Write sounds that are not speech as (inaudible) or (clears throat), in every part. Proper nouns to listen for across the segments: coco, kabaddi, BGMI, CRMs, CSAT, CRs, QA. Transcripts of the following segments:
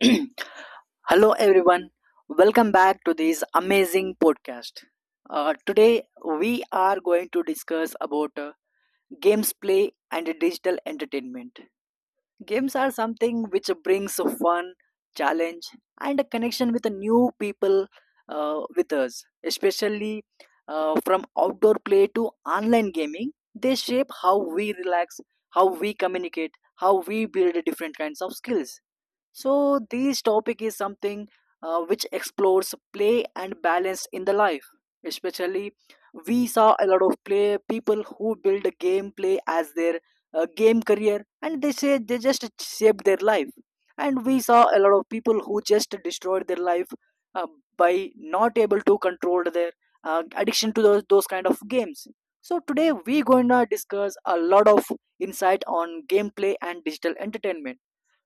(clears throat) Hello, everyone. Welcome back to this amazing podcast. Today, we are going to discuss about games play and digital entertainment. Games are something which brings a fun, challenge, and a connection with the new people with us, especially from outdoor play to online gaming. They shape how we relax, how we communicate, how we build different kinds of skills, so this topic is something which explores play and balance in the life. Especially, we saw a lot of play people who build a gameplay as their game career, and they say they just shaped their life. And we saw a lot of people who just destroyed their life uh, by not able to control their addiction to those kind of games. So today we going to discuss a lot of insight on gameplay and digital entertainment.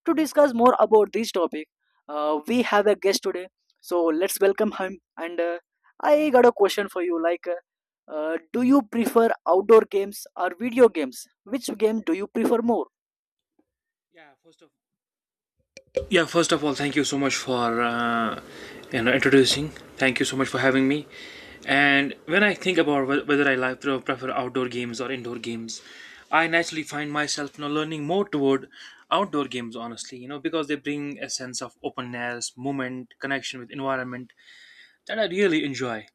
To discuss more about this topic, we have a guest today. So let's welcome him. And I got a question for you. Like, do you prefer outdoor games or video games? Which game do you prefer more? Yeah, first of yeah, first of all, thank you so much for introducing. Thank you so much for having me. And when I think about whether I like to prefer outdoor games or indoor games, I naturally find myself, you know, learning more toward outdoor games. Honestly, you know, because they bring a sense of openness, movement, connection with environment that I really enjoy.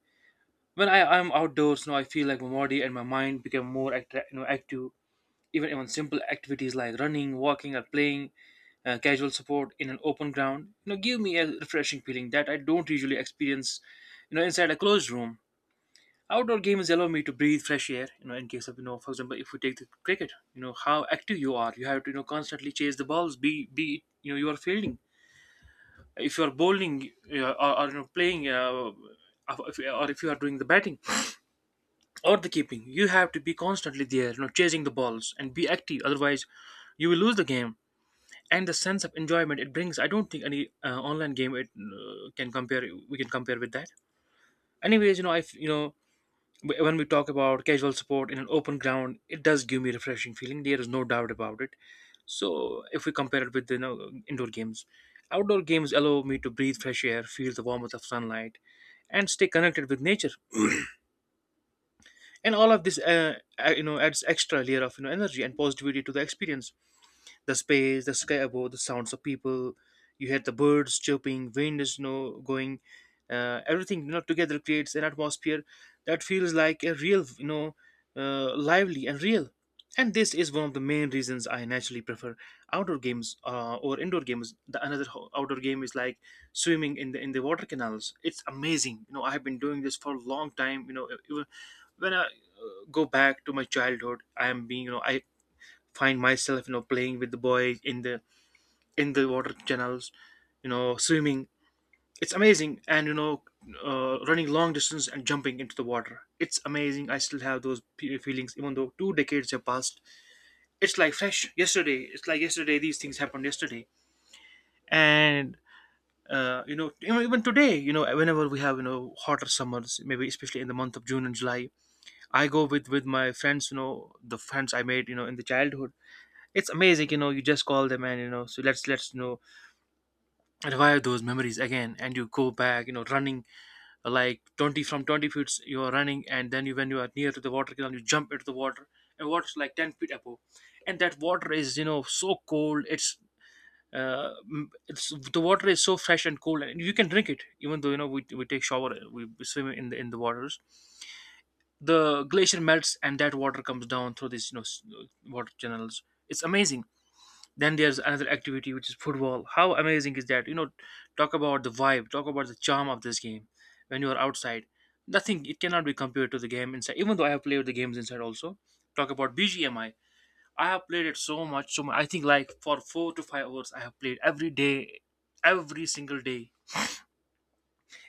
When I am outdoors, you know, I feel like my body and my mind become you know, active, even simple activities like running, walking, or playing casual support in an open ground, you know, give me a refreshing feeling that I don't usually experience, you know, inside a closed room. Outdoor games allow me to breathe fresh air, you know, in case of, you know, for example, if we take the cricket, you know, how active you are. You have to, you know, constantly chase the balls, be it, you know, you are fielding. If you are bowling or, you know, playing, or if you are doing the batting or the keeping, you have to be constantly there, you know, chasing the balls and be active. Otherwise, you will lose the game, and the sense of enjoyment it brings, I don't think any online game it can compare we can compare with that. Anyways, you know, you know, when we talk about casual support in an open ground, it does give me a refreshing feeling. There is no doubt about it. So if we compare it with, you know, indoor games, outdoor games allow me to breathe fresh air, feel the warmth of sunlight, and stay connected with nature. And all of this you know, adds extra layer of, you know, energy and positivity to the experience. The space, the sky above, the sounds of people. You hear the birds chirping, wind is no going. Everything, you know, together creates an atmosphere that feels like a real, you know, lively and real. And this is one of the main reasons I naturally prefer outdoor games or indoor games. The another outdoor game is like swimming in the water canals. It's amazing. You know, I have been doing this for a long time. You know, even when I go back to my childhood, I am being, you know, I find myself, you know, playing with the boy in the water channels, you know, swimming. It's amazing. And you know, running long distance and jumping into the water, it's amazing. I still have those feelings even though two decades have passed. It's like fresh yesterday. It's like yesterday these things happened yesterday. And you know, even today, you know, whenever we have, you know, hotter summers, maybe especially in the month of June and July, I go with my friends, you know, the friends I made, you know, in the childhood. It's amazing, you know, you just call them and, you know, so let's, you know, revive those memories again. And you go back, you know, running like 20, from 20 feet you are running, and then you, when you are near to the water canal, you jump into the water. And water's like 10 feet above, and that water is, you know, so cold. It's it's, the water is so fresh and cold, and you can drink it even though, you know, we take shower, we swim in the waters. The glacier melts and that water comes down through these, you know, water channels. It's amazing. Then there's another activity which is football. How amazing is that, you know? Talk about the vibe, talk about the charm of this game when you are outside. Nothing. It cannot be compared to the game inside, even though I have played the games inside also. Talk about BGMI. I have played it so much, so much. I think like for 4 to 5 hours I have played every day, every single day.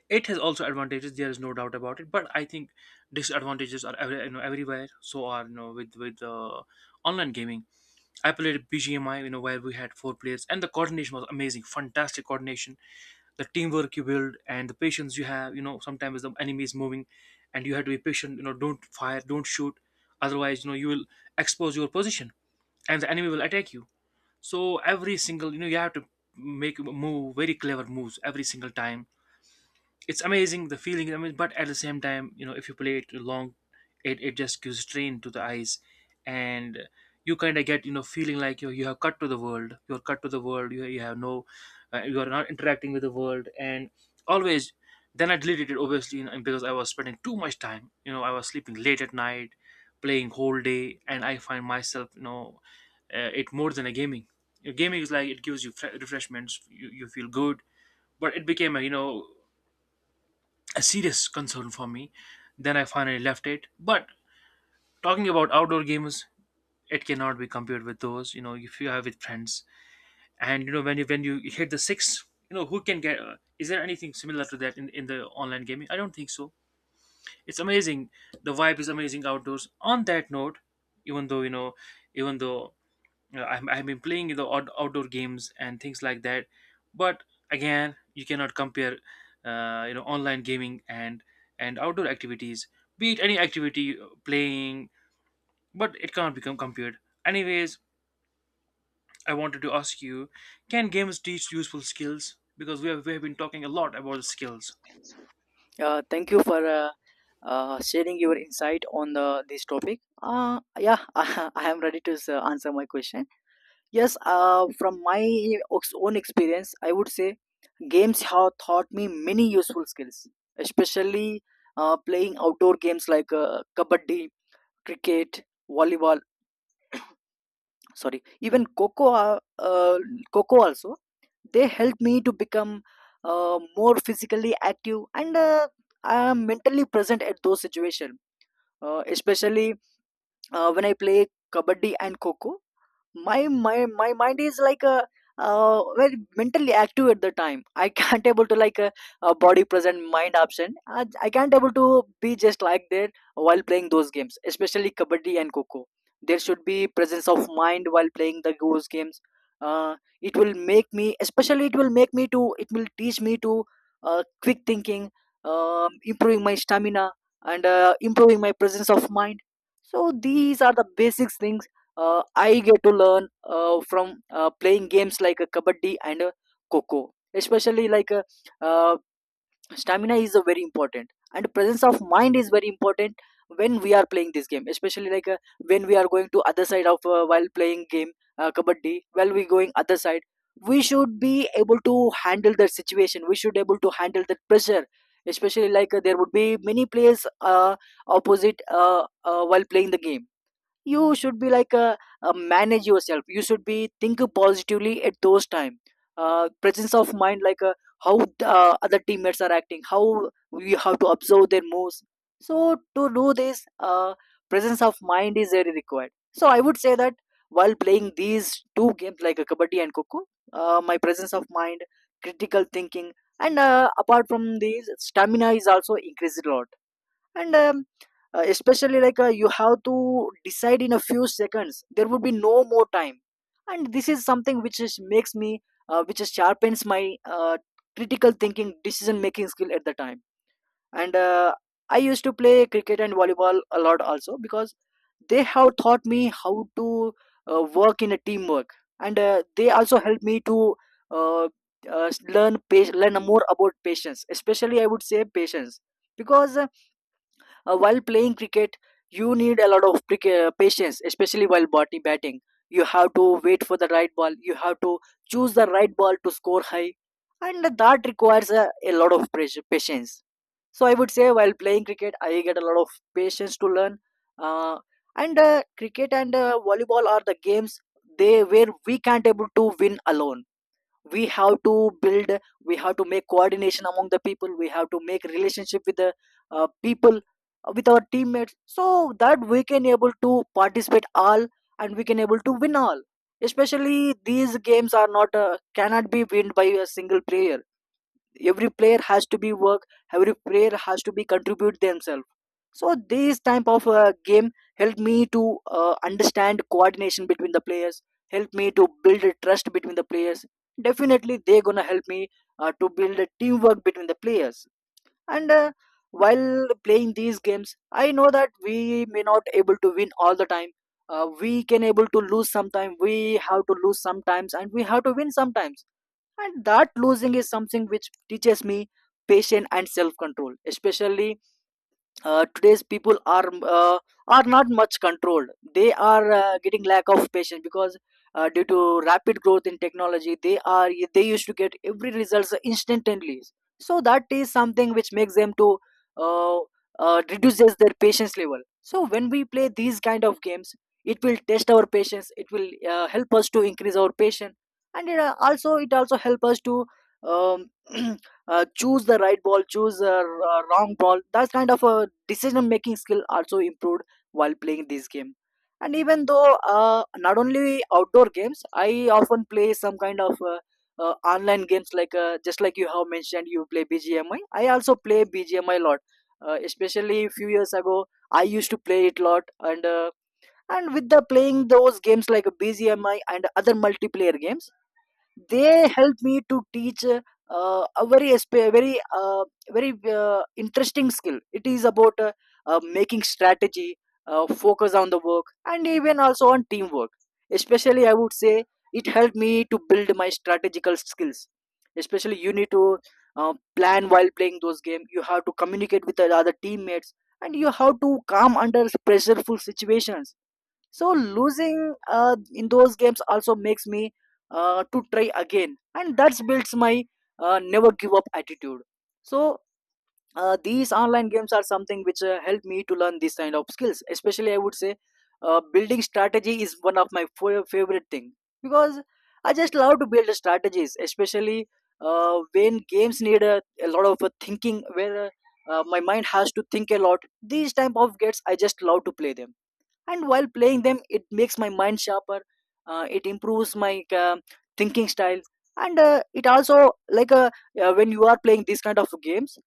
It has also advantages. There is no doubt about it, but I think disadvantages are every, you know, everywhere, so are, you know, with online gaming. I played BGMI, you know, where we had four players, and the coordination was amazing, fantastic coordination. The teamwork you build and the patience you have, you know, sometimes the enemy is moving, and you have to be patient. You know, don't fire, don't shoot, otherwise, you know, you will expose your position, and the enemy will attack you. So every single, you know, you have to make move very clever moves every single time. It's amazing, the feeling, I mean. But at the same time, you know, if you play it long, it just gives strain to the eyes. And you kind of get, you know, feeling like you have cut to the world, you're cut to the world. You have no you are not interacting with the world, and always. Then I deleted it, obviously, you know, because I was spending too much time, you know, I was sleeping late at night, playing whole day, and I find myself, you know, it more than a gaming. Your gaming is like it gives you refreshments, you feel good, but it became a, you know, a serious concern for me. Then I finally left it. But talking about outdoor games, it cannot be compared with those. You know, if you have with friends, and you know, when you hit the six, you know who can get. Is there anything similar to that in the online gaming? I don't think so. It's amazing. The vibe is amazing outdoors. On that note, even though you know, even though I've been playing the outdoor games and things like that, but again, you cannot compare, you know, online gaming and outdoor activities. Be it any activity, playing, but it cannot become compared. Anyways, I wanted to ask you, can games teach useful skills? Because we have been talking a lot about skills. Thank you for sharing your insight on this topic. Yeah, (laughs) I am ready to answer my question. Yes, from my own experience, I would say games have taught me many useful skills, especially playing outdoor games like kabaddi, cricket, volleyball, sorry, even coco, coco also. They helped me to become more physically active, and I am mentally present at those situations, especially when I play kabaddi and coco. My mind is like a very mentally active at the time. I (laughs) can't able to like a, body present mind absent. I can't able to be just like that while playing those games, especially kabaddi and coco. There should be presence of mind while playing the those games. Uh, it will make me, especially it will make me to, it will teach me to quick thinking, improving my stamina, and improving my presence of mind. So these are the basic things I get to learn from playing games like a kabaddi and a coco. Especially like uh, stamina is a very important, and presence of mind is very important when we are playing this game. Especially like when we are going to other side of while playing game kabaddi, while we going other side, we should be able to handle the situation. We should able to handle the pressure. Especially like there would be many players opposite while playing the game, you should be like a manage yourself, you should be think positively at those time. Uh, presence of mind, like how other teammates are acting, how we have to observe their moves. So to do this, presence of mind is very required. So I would say that while playing these two games like a kabaddi and coco, my presence of mind, critical thinking, and apart from these stamina is also increased a lot. And especially like you have to decide in a few seconds, there would be no more time, and this is something which makes me, which is sharpens my critical thinking, decision making skill at the time. And I used to play cricket and volleyball a lot also, because they have taught me how to work in a teamwork. And they also helped me to uh, learn learn more about patience. Especially I would say patience, because while playing cricket, you need a lot of cricket, patience, especially while body batting. You have to wait for the right ball. You have to choose the right ball to score high, and that requires a lot of pressure, patience. So I would say while playing cricket, I get a lot of patience to learn. Uh, and Cricket and volleyball are the games they where we can't able to win alone. We have to build, we have to make coordination among the people, we have to make relationship with the people with our teammates, so that we can able to participate all and we can able to win all. Especially these games are not cannot be win by a single player. Every player has to be work, every player has to be contribute themselves. So this type of game helped me to understand coordination between the players, helped me to build a trust between the players. Definitely they gonna help me to build a teamwork between the players. And while playing these games, I know that we may not able to win all the time. Uh, we can able to lose sometime, we have to lose sometimes, and we have to win sometimes. And that losing is something which teaches me patience and self control. Especially today's people are not much controlled, they are getting lack of patience, because due to rapid growth in technology, they are they used to get every results instantly. So that is something which makes them to uh, reduces their patience level. So when we play these kind of games, it will test our patience, it will help us to increase our patience. And it, also it also help us to um, (clears throat) choose the right ball, choose the wrong ball. That kind of decision making skill also improved while playing this game. And even though not only outdoor games, I often play some kind of online games like just like you have mentioned you play BGMI. I also play BGMI a lot. Uh, especially few years ago I used to play it a lot. And with the playing those games like BGMI and other multiplayer games, they helped me to teach a very very interesting skill. It is about making strategy, focus on the work, and even also on teamwork. Especially I would say it helped me to build my strategical skills. Especially you need to plan while playing those games, you have to communicate with the other teammates, and you have to calm under pressureful situations. So losing in those games also makes me to try again, and that builds my never give up attitude. So these online games are something which help me to learn this kind of skills. Especially, I would say, building strategy is one of my favorite thing, because I just love to build strategies, especially when games need a lot of thinking where. My mind has to think a lot. These type of games, I just love to play them, and while playing them it makes my mind sharper. Uh, it improves my uh, thinking style. And it also like when you are playing these kind of games,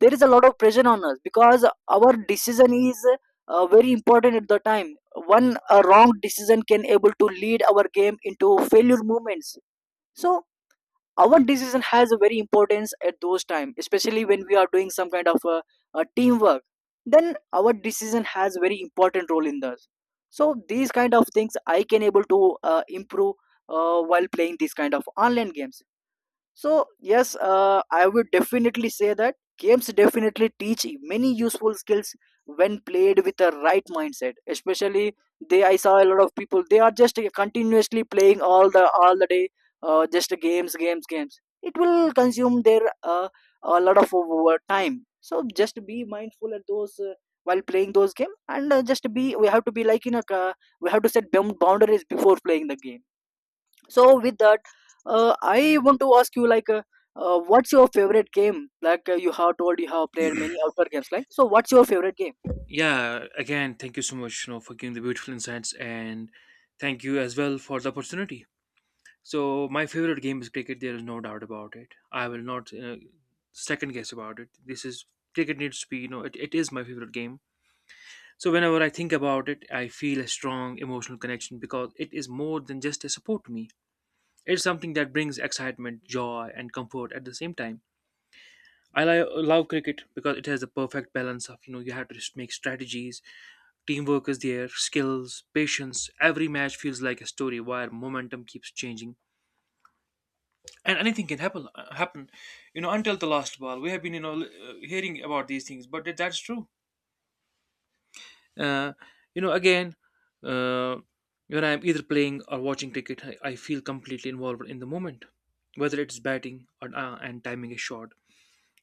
there is a lot of pressure on us because our decision is very important at the time. One wrong decision can able to lead our game into failure moments. So our decision has a very importance at those time, especially when we are doing some kind of a teamwork, then our decision has very important role in this. So these kind of things I can able to improve while playing these kind of online games. So yes, I would definitely say that games definitely teach many useful skills when played with the right mindset. Especially I saw a lot of people. They are just continuously playing all the day, just games, games, games. It will consume their a lot of over time. So just be mindful at those. While playing those game and just be we have to be like in a we have to set boundaries before playing the game. So with that, I want to ask you, like, what's your favorite game? Like, you have told you have played (clears throat) many outdoor games, like, so what's your favorite game? Yeah, again, thank you so much, you know, for giving the beautiful insights, and thank you as well for the opportunity. So my favorite game is cricket. There is no doubt about it. I will not second guess about it. This is, cricket needs to be, you know, it is my favorite game. So whenever I think about it, I feel a strong emotional connection because it is more than just a support to me. It's something that brings excitement, joy, and comfort at the same time. I love cricket because it has the perfect balance of, you know, you have to just make strategies, teamwork is there, skills, patience. Every match feels like a story where momentum keeps changing and anything can happen, you know, until the last ball. We have been, you know, hearing about these things, but that's true. uh, you know, again, uh, when I'm either playing or watching cricket, I feel completely involved in the moment, whether it's batting or, and timing a shot,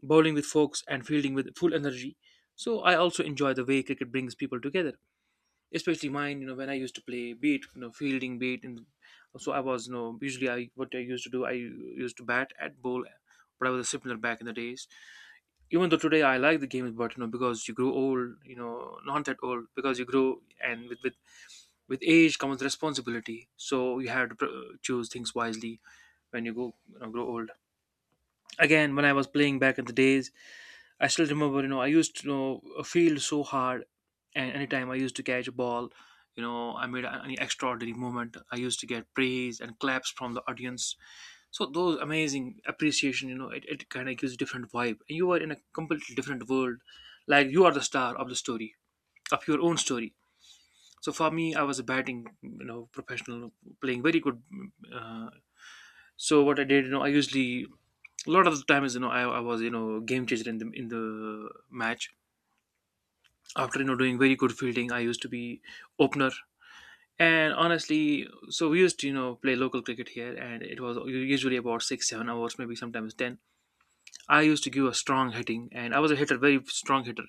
bowling with folks and fielding with full energy. So I also enjoy the way cricket brings people together, especially mine, you know. When I used to play, be it, you know, fielding, be it in, so I was, you know, usually, I, what I used to do, I used to bat at bowl, but I was a similar back in the days. Even though today I like the game, but you know, because you grow old, you know, not that old, because you grow and with age comes responsibility, so you have to choose things wisely when you go, you know, grow old. Again, when I was playing back in the days, I still remember, you know, I used to, you know, feel so hard, and anytime I used to catch a ball, you know, I made an extraordinary moment. I used to get praise and claps from the audience. So those amazing appreciation, you know, it kind of gives a different vibe. And you are in a completely different world, like you are the star of the story, of your own story. So for me, I was a batting, you know, professional, playing very good. Uh, so what I did, you know, I usually a lot of the times, you know, I was, you know, game changer in the match. After doing very good fielding, I used to be opener. And honestly, so we used to play local cricket here, and it was usually about 6 7 hours, maybe sometimes 10. I used to give a strong hitting, and I was a hitter, very strong hitter.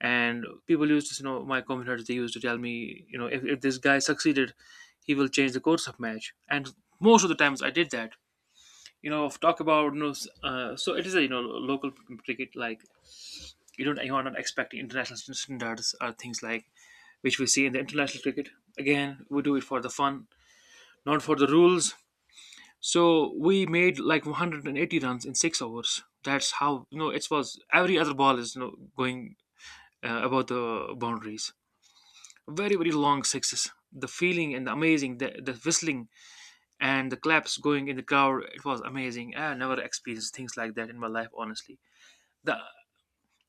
And people used to my commenters, they used to tell me, you know, if this guy succeeded, he will change the course of match, and most of the times I did that. You know if talk about you know s- so it is a, you know, local cricket, like you don't, you are not expecting international standards or things like which we see in the international cricket. Again, we do it for the fun, not for the rules. So we made like 180 runs in 6 overs. That's how, you know, it was. Every other ball is, you know, going about the boundaries. Very very long sixes. The feeling and the amazing, the whistling and the claps going in the crowd. It was amazing. I never experienced things like that in my life, honestly. The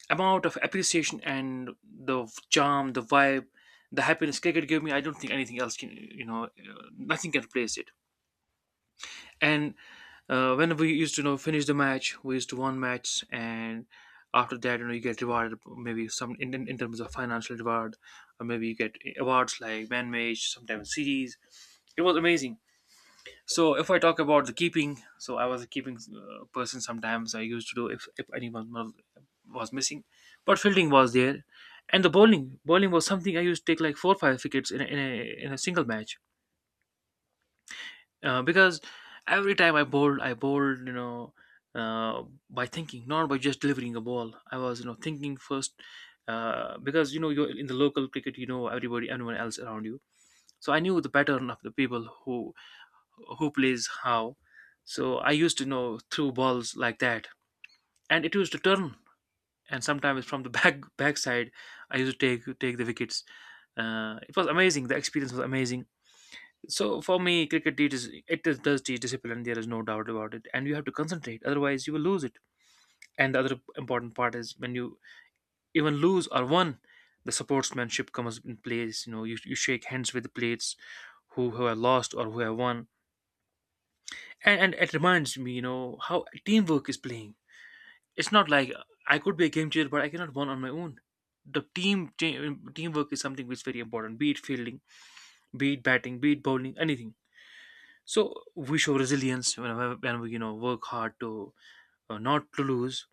amount of appreciation and the charm, the vibe, the happiness cricket gave me, I don't think anything else can, nothing can replace it. And when we used to, you know, finish the match, we used to won match, and after that, you know, you get rewarded maybe some in terms of financial reward, or maybe you get awards like man match, sometimes series. It was amazing. So if I talk about the keeping, so I was a keeping person sometimes. I used to do if anyone was missing, but fielding was there. And the bowling was something I used to take like 4 or 5 wickets in a, in a in a single match, because every time I bowled, I bowled, you know, uh, by thinking, not by just delivering a ball. I was, you know, thinking first. Because you know, you're in the local cricket, you know everybody, everyone else around you. So I knew the pattern of the people who plays how. So I used to know through balls like that, and it used to turn. And sometimes from the (laughs) backside, I used to take the wickets. It was amazing. The experience was amazing. So for me, cricket teaches it does teach discipline. There is no doubt about it, and you have to concentrate. Otherwise, you will lose it. And the other important part is when you even lose or won, the sportsmanship comes in place. You know, you shake hands with the players who have lost or who have won, and it reminds me, you know, how teamwork is playing. It's not like I could be a game changer, but I cannot win on my own. The teamwork is something which is very important, be it fielding, be it batting, be it bowling, anything. So we show resilience when we, you know, work hard to not to lose.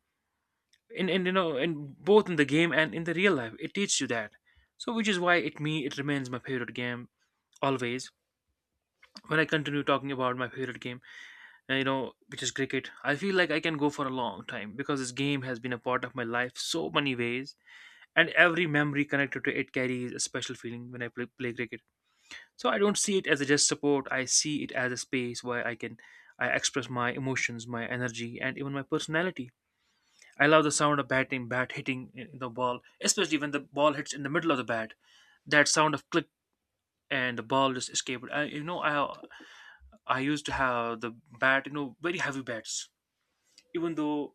In and You know, in both in the game and in the real life, it teaches you that. So which is why it remains my favorite game always. When I continue talking about my favorite game, and, you know, which is cricket, I feel like I can go for a long time because this game has been a part of my life so many ways, and every memory connected to it carries a special feeling when I play cricket. So I don't see it as a just support. I see it as a space where I express my emotions, my energy, and even my personality. I love the sound of batting, bat hitting in the ball, especially when the ball hits in the middle of the bat. That sound of click, and the ball just escaped. I, you know, I used to have the bat, you know, very heavy bats. Even though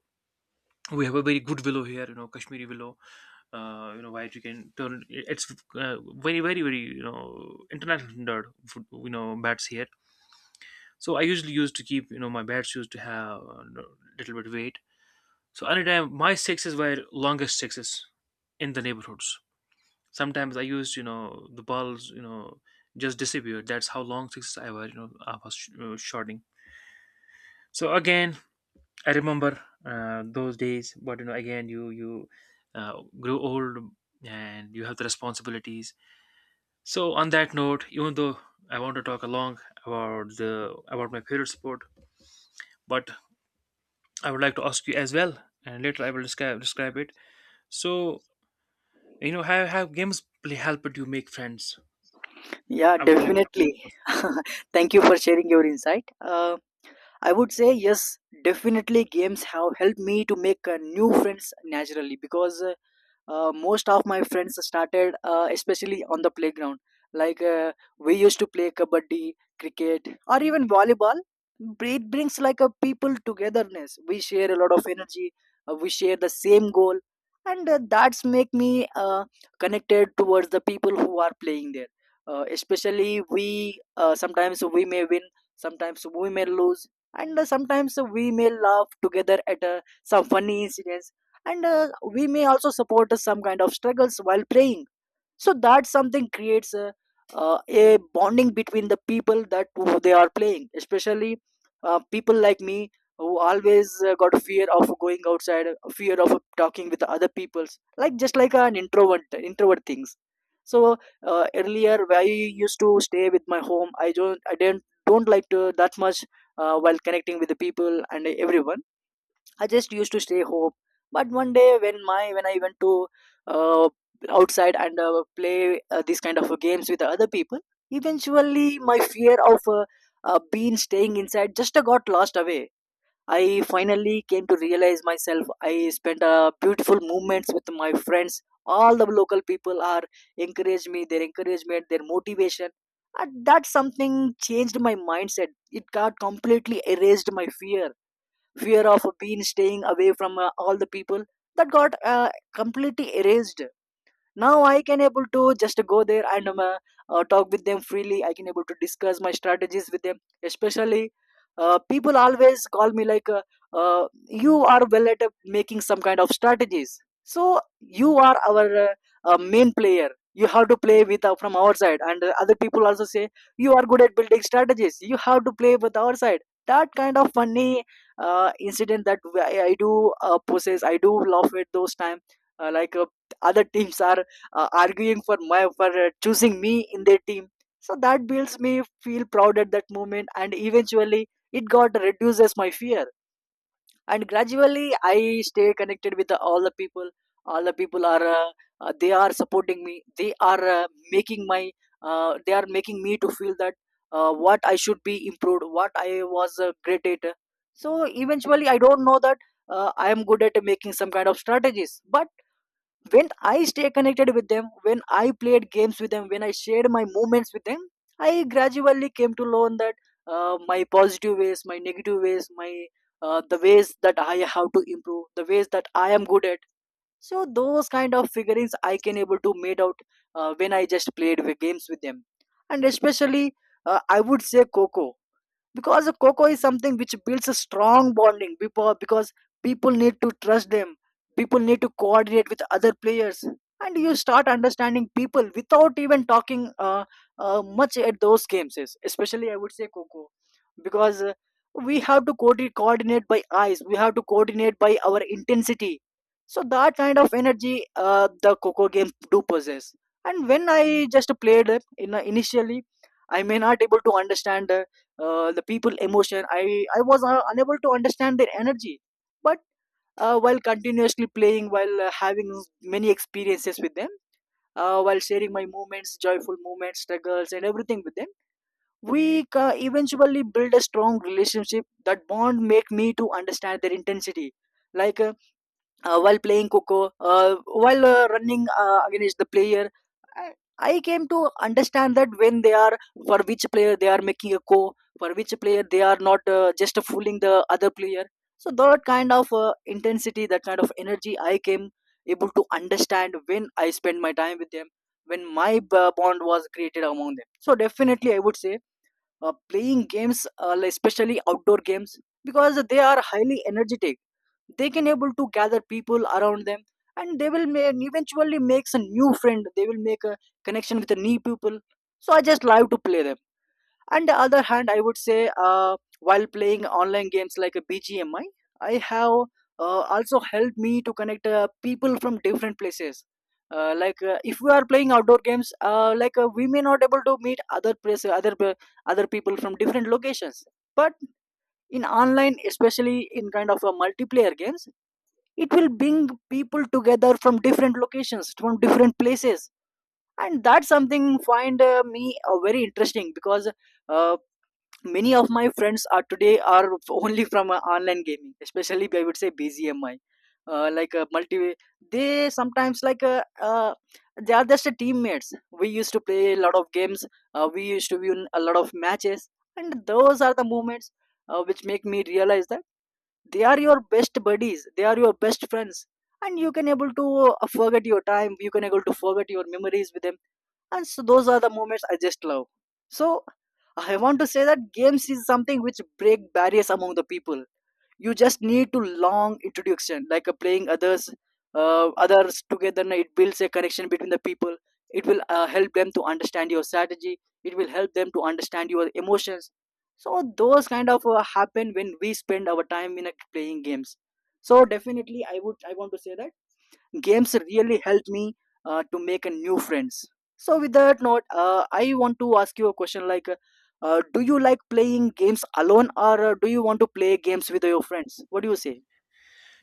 we have a very good willow here, you know, kashmiri willow, you know, where you can turn, it's very very very, you know, international standard for, you know, bats here. So I usually used to keep, you know, my bats used to have a little bit weight. So anytime my sixes were longest sixes in the neighborhoods. Sometimes I used, you know, the balls, you know, just disappeared. That's how long sixes I were, you know, I was shorting. So again, I remember those days. But you know, again, you grew old and you have the responsibilities. So on that note, even though I want to talk along about my favorite sport, but I would like to ask you as well, and later I will describe it. So you know, have games play helped you make friends? Yeah, I would like. definitely. To (laughs) Thank you for sharing your insight. I would say yes, definitely games have helped me to make new friends naturally, because most of my friends started especially on the playground, like, we used to play kabaddi, cricket, or even volleyball. It brings like a people togetherness. We share a lot of energy. We share the same goal, and that's make me connected towards the people who are playing there. Especially we, sometimes we may win, sometimes we may lose, and sometimes we may laugh together at some funny incidents, and we may also support some kind of struggles while praying. So that something creates a bonding between the people that who they are playing, especially people like me, who always got fear of going outside, fear of talking with other peoples, like just like an introvert things. So earlier I used to stay with my home. I don't i didn't don't like to that much while connecting with the people and everyone. I just used to stay home. But one day when my when I went to uh, outside and play these kind of games with other people, eventually my fear of being staying inside just got lost away. I finally came to realize myself. I spent beautiful moments with my friends. All the local people are encouraged me. Their encouragement, their motivation. And that something changed my mindset. It got completely erased my fear of being staying away from all the people. That got completely erased. Now I can able to just go there, and talk with them freely. I can able to discuss my strategies with them, especially people always call me like, you are well at making some kind of strategies, so you are our main player, you have to play with from our side. And other people also say you are good at building strategies, you have to play with our side. That kind of funny incident that I do possess, I do laugh at those time. uh, like uh, Other teams are arguing for my, for choosing me in their team. So that builds me feel proud at that moment, and eventually it got reduces my fear. And gradually, I stay connected with the, all the people. All the people are, they are supporting me. They are making my, they are making me to feel that what I should be improved, what I was great at. So eventually, I don't know that I am good at making some kind of strategies, but when I stay connected with them, when I played games with them, when I shared my moments with them, I gradually came to learn that my positive ways, my negative ways, my the ways that I have to improve, the ways that I am good at. So those kind of figurines I can able to made out when I just played with games with them. And especially, I would say Coco, because a cocoa is something which builds a strong bonding, because people need to trust them, people need to coordinate with other players, and you start understanding people without even talking much at those games especially I would say coco, because we have to coordinate by eyes, we have to coordinate by our intensity. So that kind of energy the coco games do possess. And when I just played it in, initially, I may not able to understand the people emotion. I was unable to understand their energy, but while continuously playing, while having many experiences with them, while sharing my moments, joyful moments, struggles and everything with them, we ca eventually build a strong relationship. That bond make me to understand their intensity, like, while playing coco, while running against the player, I, I came to understand that when they are, for which player they are making a co, for which player they are not just fooling the other player. So that kind of intensity, that kind of energy I came able to understand when I spend my time with them, when my bond was created among them. So definitely, I would say playing games, like especially outdoor games, because they are highly energetic, they can able to gather people around them, and they will may, eventually make a new friend, they will make a connection with a new people. So I just love to play them. On the other hand, I would say while playing online games like a BGMI, I have also helped me to connect people from different places. If we are playing outdoor games, we may not able to meet other place, other people from different locations. But in online, especially in kind of a multiplayer games, it will bring people together from different locations, from different places, and that's something find me very interesting, because uh, many of my friends are today are only from online gaming, especially I would say BGMI, multi. They sometimes like, they are just teammates. We used to play a lot of games. We used to win a lot of matches, and those are the moments which make me realize that they are your best buddies, they are your best friends, and you can able to forget your time, you can able to forget your memories with them. And so those are the moments I just love. So I want to say that games is something which break barriers among the people. You just need to long introduction, like, playing others, others together, and it builds a connection between the people. It will help them to understand your strategy, it will help them to understand your emotions. So those kind of happen when we spend our time in a playing games. So definitely, I want to say that games really helped me to make a new friends. So with that note, I want to ask you a question like, do you like playing games alone, or do you want to play games with your friends? What do you say?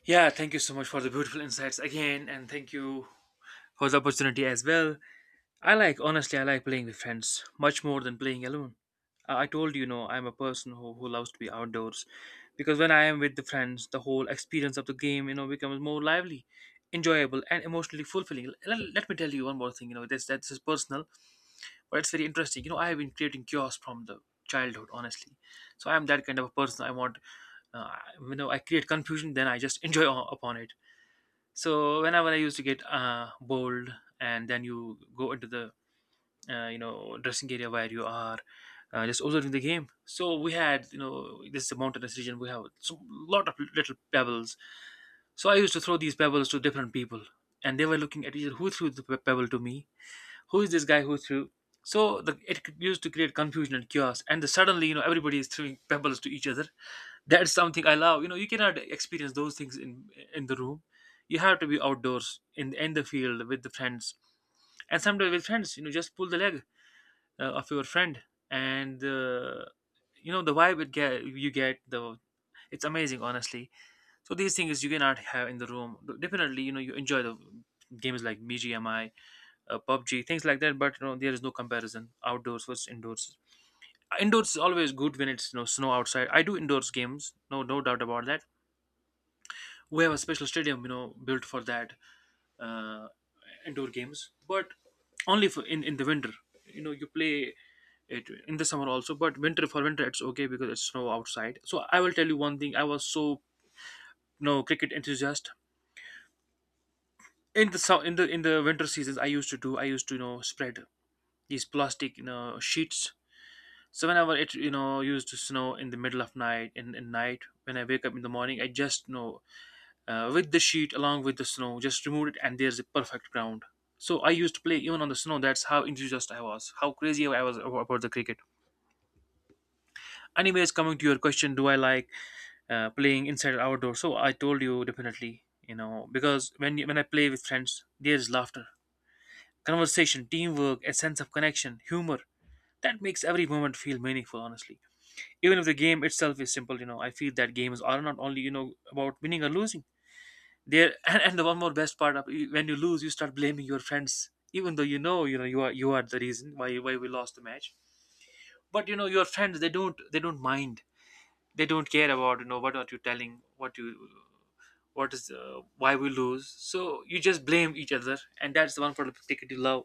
yeah, thank you so much for the beautiful insights again, and thank you for the opportunity as well. I like, honestly, I like playing with friends much more than playing alone. I told you, know I'm a person who loves to be outdoors because when I am with the friends, the whole experience of the game, you know, becomes more lively, enjoyable, and emotionally fulfilling. Let me tell you one more thing, you know, this is personal, but it's very interesting. You know, I have been creating chaos from the childhood, honestly. So I'm that kind of a person. I want, uh, you know, I create confusion, then I just (laughs) enjoy upon it. So whenever I used to get bold, and then you go into the you know, dressing area where you are just observing the game. So we had, you know, this is a mountainous region, we have a lot of little pebbles. So I used to throw these pebbles to different people, and they were looking at each other, who threw the pebble to me, who is this guy who threw. So used to create confusion and chaos, and suddenly, you know, everybody is throwing pebbles to each other. That's something I love. You know, you cannot experience those things in the room. You have to be outdoors in the field with the friends. And sometimes with friends, you know, just pull the leg of your friend. And the you know, the vibe, it get you get the, it's amazing, honestly. So these things you cannot have in the room. Definitely, you know, you enjoy the games like BGMI, PUBG, things like that. But you know, there is no comparison outdoors versus indoors. Indoors is always good. When it's, you know, snow outside, I do indoors games. No No doubt about that. We have a special stadium, you know, built for that, uh, indoor games. But only for in the winter. You know, you play it in the summer also, but winter it's okay because it's snow outside. So I will tell you one thing, I was so, you know, cricket enthusiast. In the in the winter seasons, I used to you know, spread these plastic, you know, sheets. So whenever it, you know, used to snow in the middle of night, in night when I wake up in the morning, I just, you know, with the sheet along with the snow, just removed it, and there's a perfect ground. So I used to play even on the snow. That's how enthusiastic I was. How crazy I was about the cricket. Anyways, coming to your question, do I like playing inside or outdoor? So I told you definitely. You know, because when I play with friends, there's laughter, conversation, teamwork, a sense of connection, humor. That makes every moment feel meaningful. Honestly, even if the game itself is simple, you know, I feel that game is are not only, you know, about winning or losing there. And the one more best part of when you lose, you start blaming your friends even though you know, you are, the reason why we lost the match. But you know, your friends, they don't mind. They don't care about, you know, what are you telling, what you what is why we lose. So you just blame each other, and that's the one for the ticket you love.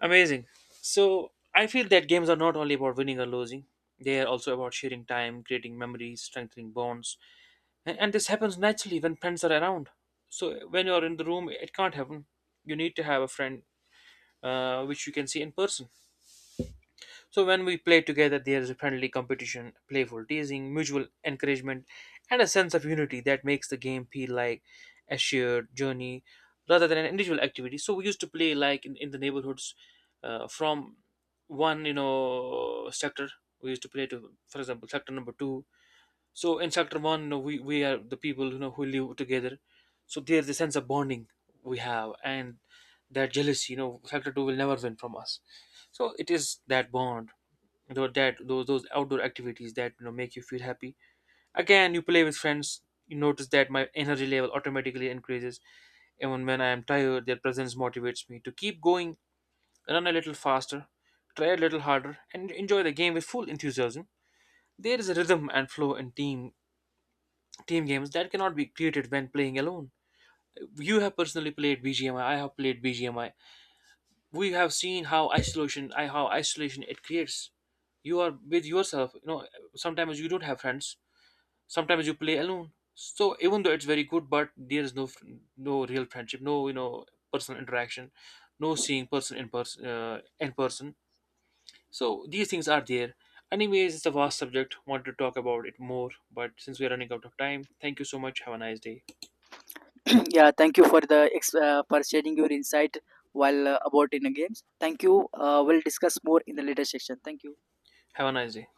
Amazing. So I feel that games are not only about winning or losing, they are also about sharing time, creating memories, strengthening bonds. And this happens naturally when friends are around. So when you're in the room, it can't happen. You need to have a friend which you can see in person. So when we play together, there's a friendly competition, playful teasing, mutual encouragement, and a sense of unity that makes the game feel like a shared journey rather than an individual activity. So we used to play like in the neighborhoods from one, you know, sector. We used to play to, for example, sector number two. So in chapter one, you know, we are the people, you know, who live together. So there's a sense of bonding we have, and that jealousy, you know, chapter two will never win from us. So it is that bond, tho- that those outdoor activities that, you know, make you feel happy. Again, you play with friends. You notice that my energy level automatically increases. Even when I am tired, their presence motivates me to keep going, run a little faster, try a little harder, and enjoy the game with full enthusiasm. There is a rhythm and flow in team games that cannot be created when playing alone. You have personally played BGMI. I have played BGMI. We have seen how isolation, I how isolation it creates. You are with yourself. You know, sometimes you don't have friends. Sometimes you play alone. So even though it's very good, but there is no no real friendship, no, you know, personal interaction, no seeing person in person in person. So these things are there. Anyways, it's a vast subject. Want to talk about it more, but since we are running out of time, thank you so much. Have a nice day. (clears throat) Yeah, thank you for the for sharing your insight while about in the games. Thank you. We'll discuss more in the later section. Thank you. Have a nice day.